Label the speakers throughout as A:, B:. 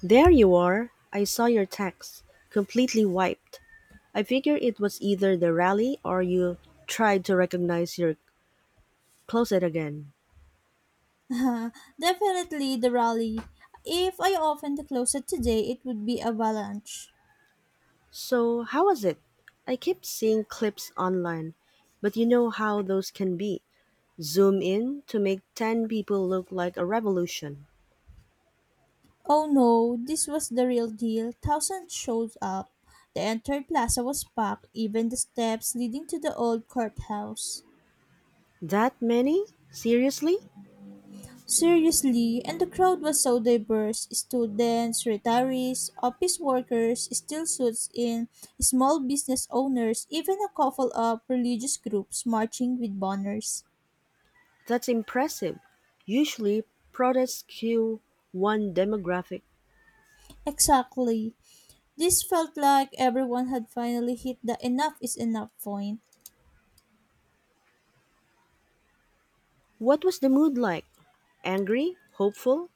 A: There you are! I saw your text. Completely wiped. I figure it was either the rally or you tried to recognize your closet again.
B: Definitely the rally. If I opened the closet today, it would be avalanche.
A: So, how was it? I keep seeing clips online, but you know how those can be. Zoom in to make 10 people look like a revolution.
B: Oh no, this was the real deal. Thousands showed up. The entire plaza was packed, even the steps leading to the old courthouse.
A: That many? Seriously?
B: Seriously, and the crowd was so diverse: students, retirees, office workers, still suits in, small business owners, even a couple of religious groups marching with banners.
A: That's impressive. Usually, protests cue one demographic.
B: Exactly. This felt like everyone had finally hit the enough is enough point.
A: What was the mood like? Angry? Hopeful?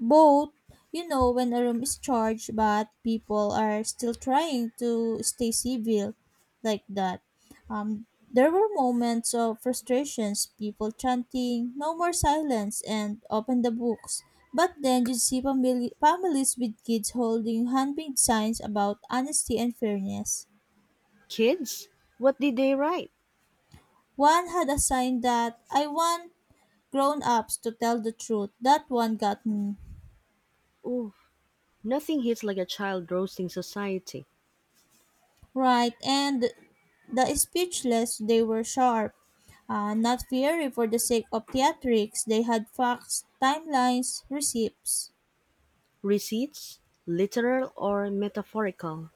B: Both, you know, when a room is charged but people are still trying to stay civil like that. Um, there were moments of frustrations, people chanting, no more silence, and open the books. But then you see families with kids holding handmade signs about honesty and fairness.
A: Kids? What did they write?
B: One had a sign that I want grown ups to tell the truth. That one got me.
A: Ooh, nothing hits like a child roasting society.
B: Right, and the speechless, they were sharp. Not fiery for the sake of theatrics, they had facts, timelines, receipts.
A: Receipts? Literal or metaphorical?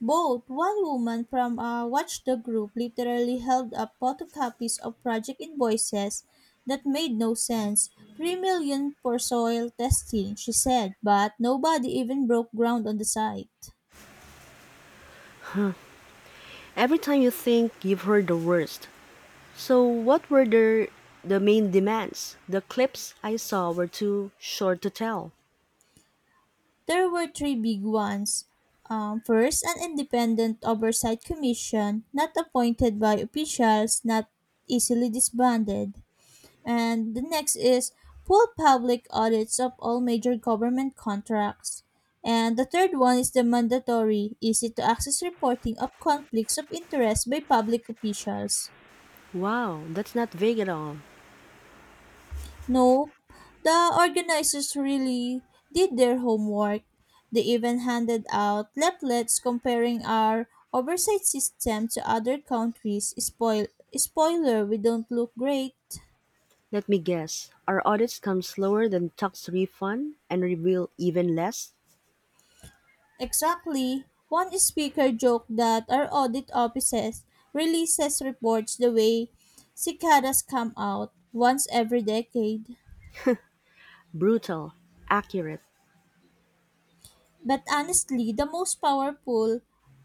B: Both one woman from a watchdog group literally held up photocopies of project invoices that made no sense. 3 million for soil testing, she said, but nobody even broke ground on the site.
A: Every time you think you've heard the worst. So, what were the main demands? The clips I saw were too short to tell.
B: There were three big ones. First, an independent oversight commission, not appointed by officials, not easily disbanded. And the next is full public audits of all major government contracts. And the third one is the mandatory, easy to access reporting of conflicts of interest by public officials.
A: Wow, that's not vague at all.
B: Nope, the organizers really did their homework. They even handed out leaflets comparing our oversight system to other countries. Spoiler, we don't look great.
A: Let me guess. Our audits come slower than tax refund and reveal even less?
B: Exactly. One speaker joked that our audit offices releases reports the way cicadas come out once every decade.
A: Brutal, accurate
B: But honestly, the most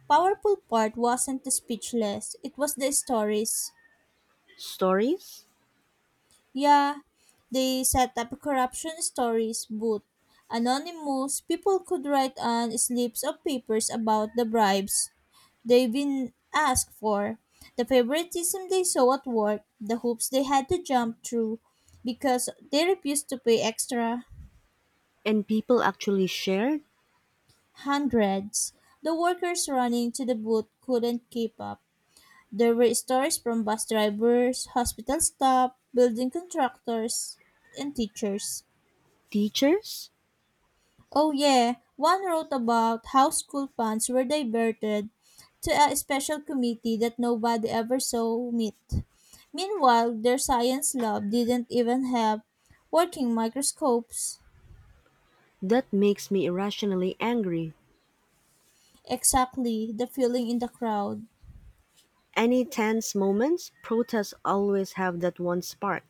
B: powerful part wasn't the speechless, it was the stories.
A: stories?
B: Yeah, they set up corruption stories, but anonymous people could write on slips of papers about the bribes they've been asked for, the favoritism they saw at work, the hoops they had to jump through because they refused to pay extra
A: And people actually share
B: hundreds. The workers running to the booth couldn't keep up. There were stories from bus drivers, hospital staff, building contractors, and teachers.
A: teachers?
B: Oh yeah, one wrote about how school funds were diverted to a special committee that nobody ever saw meet. Meanwhile, their science lab didn't even have working microscopes.
A: That makes me irrationally angry.
B: Exactly, the feeling in the crowd.
A: Any tense moments, protests always have that one spark.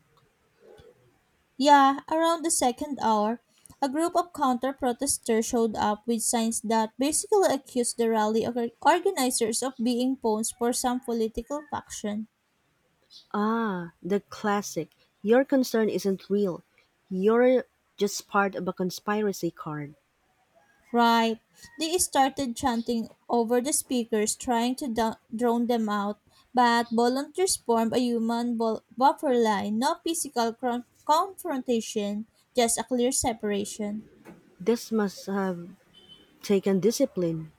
B: Yeah, around the second hour, a group of counter protesters showed up with signs that basically accused the rally organizers of being pawns for some political faction.
A: Ah, the classic. Your concern isn't real. You're just part of a conspiracy card.
B: Right. They started chanting over the speakers, trying to drown them out. But volunteers formed a human buffer line, no physical confrontation, just a clear separation.
A: This must have taken discipline,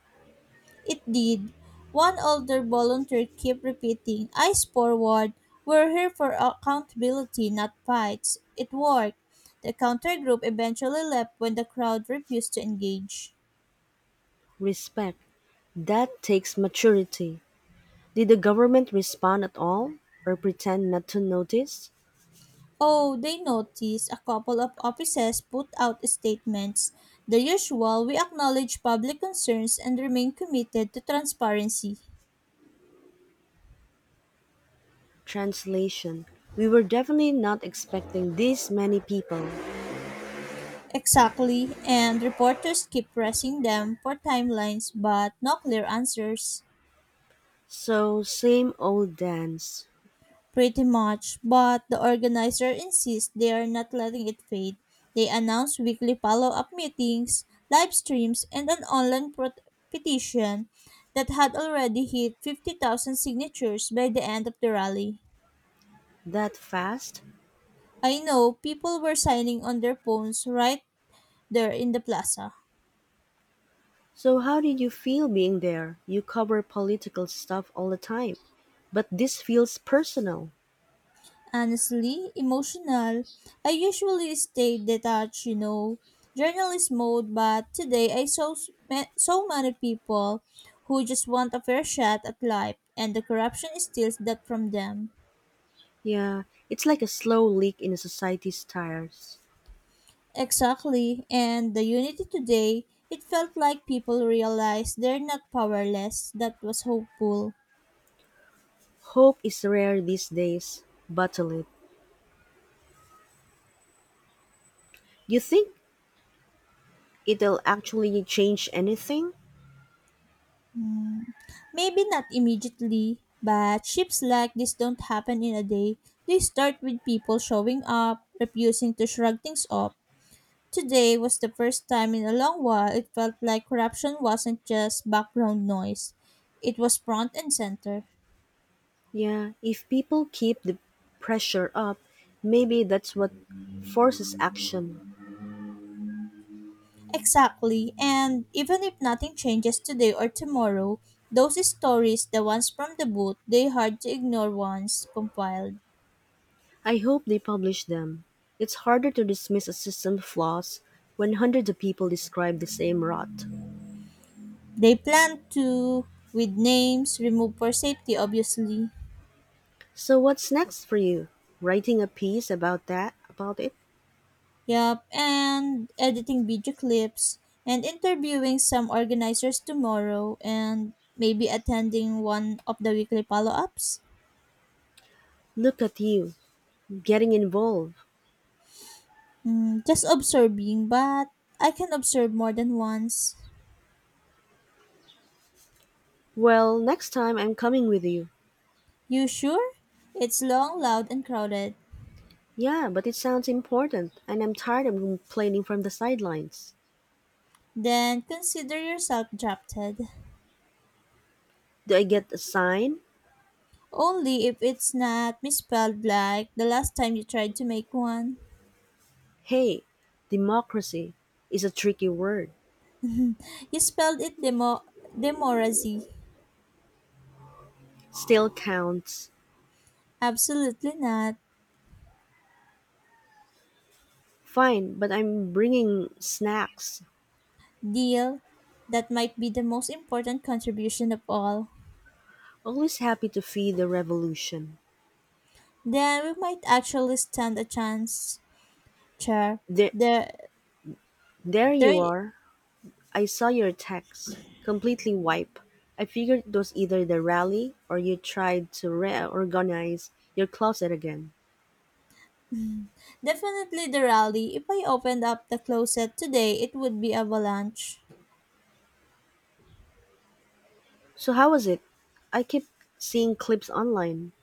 B: It did. One older volunteer kept repeating, eyes forward, we're here for accountability, not fights. It worked. The counter group eventually left when the crowd refused to engage.
A: respect. That takes maturity. Did the government respond at all or pretend not to notice?
B: Oh, they noticed a couple of offices put out statements. The usual, we acknowledge public concerns and remain committed to transparency.
A: Translation: we were definitely not expecting these many people.
B: Exactly, and reporters keep pressing them for timelines but no clear answers.
A: So, same old dance.
B: Pretty much, but the organizer insists they are not letting it fade. They announce weekly follow up meetings, live streams, and an online petition that had already hit 50,000 signatures by the end of the rally.
A: That fast?
B: I know people were signing on their phones right there in the plaza.
A: So, how did you feel being there? You cover political stuff all the time. But this feels personal.
B: Honestly emotional. I usually stay detached, you know, journalist mode, but today I saw so many people who just want a fair shot at life, and the corruption steals that from them.
A: Yeah, it's like a slow leak in a society's tires.
B: Exactly, and the unity today, it felt like people realized they're not powerless. That was hopeful.
A: Hope is rare these days. Bottle it. You think it'll actually change anything?
B: Maybe not immediately, but shifts like this don't happen in a day. They start with people showing up, refusing to shrug things off. Today was the first time in a long while it felt like corruption wasn't just background noise. It was front and center.
A: Yeah, if people keep the pressure up, maybe that's what forces action.
B: Exactly. And even if nothing changes today or tomorrow, those stories, the ones from the boot, they hard to ignore once compiled.
A: I hope they publish them. It's harder to dismiss a system's flaws when hundreds of people describe the same rot.
B: They plan to, with names, remove for safety obviously.
A: So what's next for you? Writing a piece about that, about it?
B: Yup, and editing video clips and interviewing some organizers tomorrow and maybe attending one of the weekly follow ups.
A: Look at you, getting involved.
B: Mm, just observing, but I can observe more than once.
A: Well, next time I'm coming with you.
B: You sure? It's long, loud, and crowded.
A: Yeah, but it sounds important and I'm tired of complaining from the sidelines.
B: Then consider yourself drafted.
A: Do I get a sign?
B: Only if it's not misspelled like the last time you tried to make one.
A: Hey, democracy is a tricky word.
B: You spelled it demorazy.
A: Still counts.
B: Absolutely not.
A: Fine, but I'm bringing snacks.
B: Deal, that might be the most important contribution of all.
A: Always happy to feed the revolution.
B: Then we might actually stand a chance, chair.
A: There,
B: There,
A: there you
B: there,
A: are. I saw your text. Completely wipe. I figured it was either the rally or you tried to reorganize your closet again.
B: definitely the rally. If I opened up the closet today, it would be avalanche.
A: So how was it? I keep seeing clips online.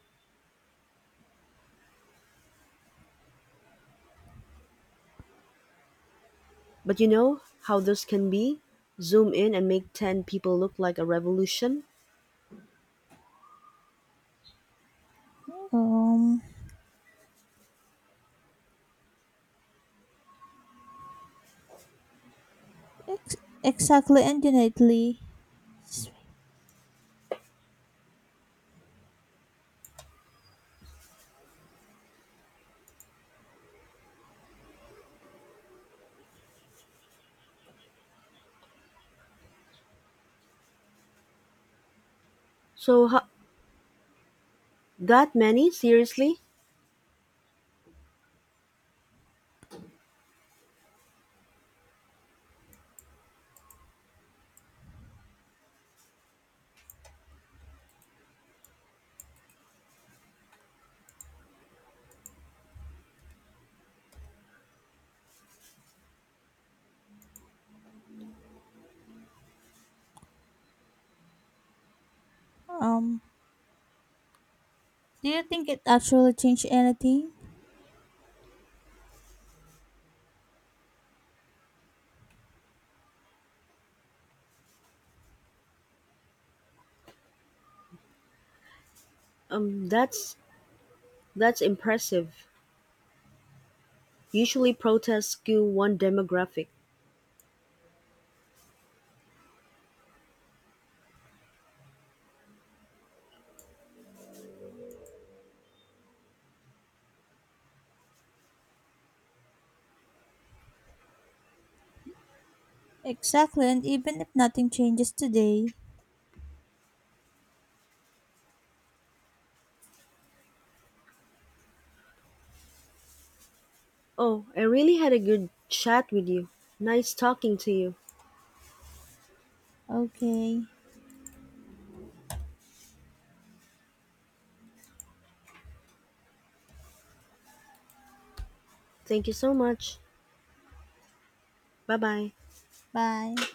A: But you know how those can be? Zoom in and make 10 people look like a revolution.
B: Um, ex- exactly and innately. Just wait.
A: So ho- that many? Seriously?
B: Um, do you think it actually changed anything?
A: Um that's that's impressive. Usually protests skew one demographic.
B: Exactly, and even if nothing changes today.
A: Oh, I really had a good chat with you. Nice talking to you.
B: Okay,
A: Thank you so much. Bye bye.
B: bye.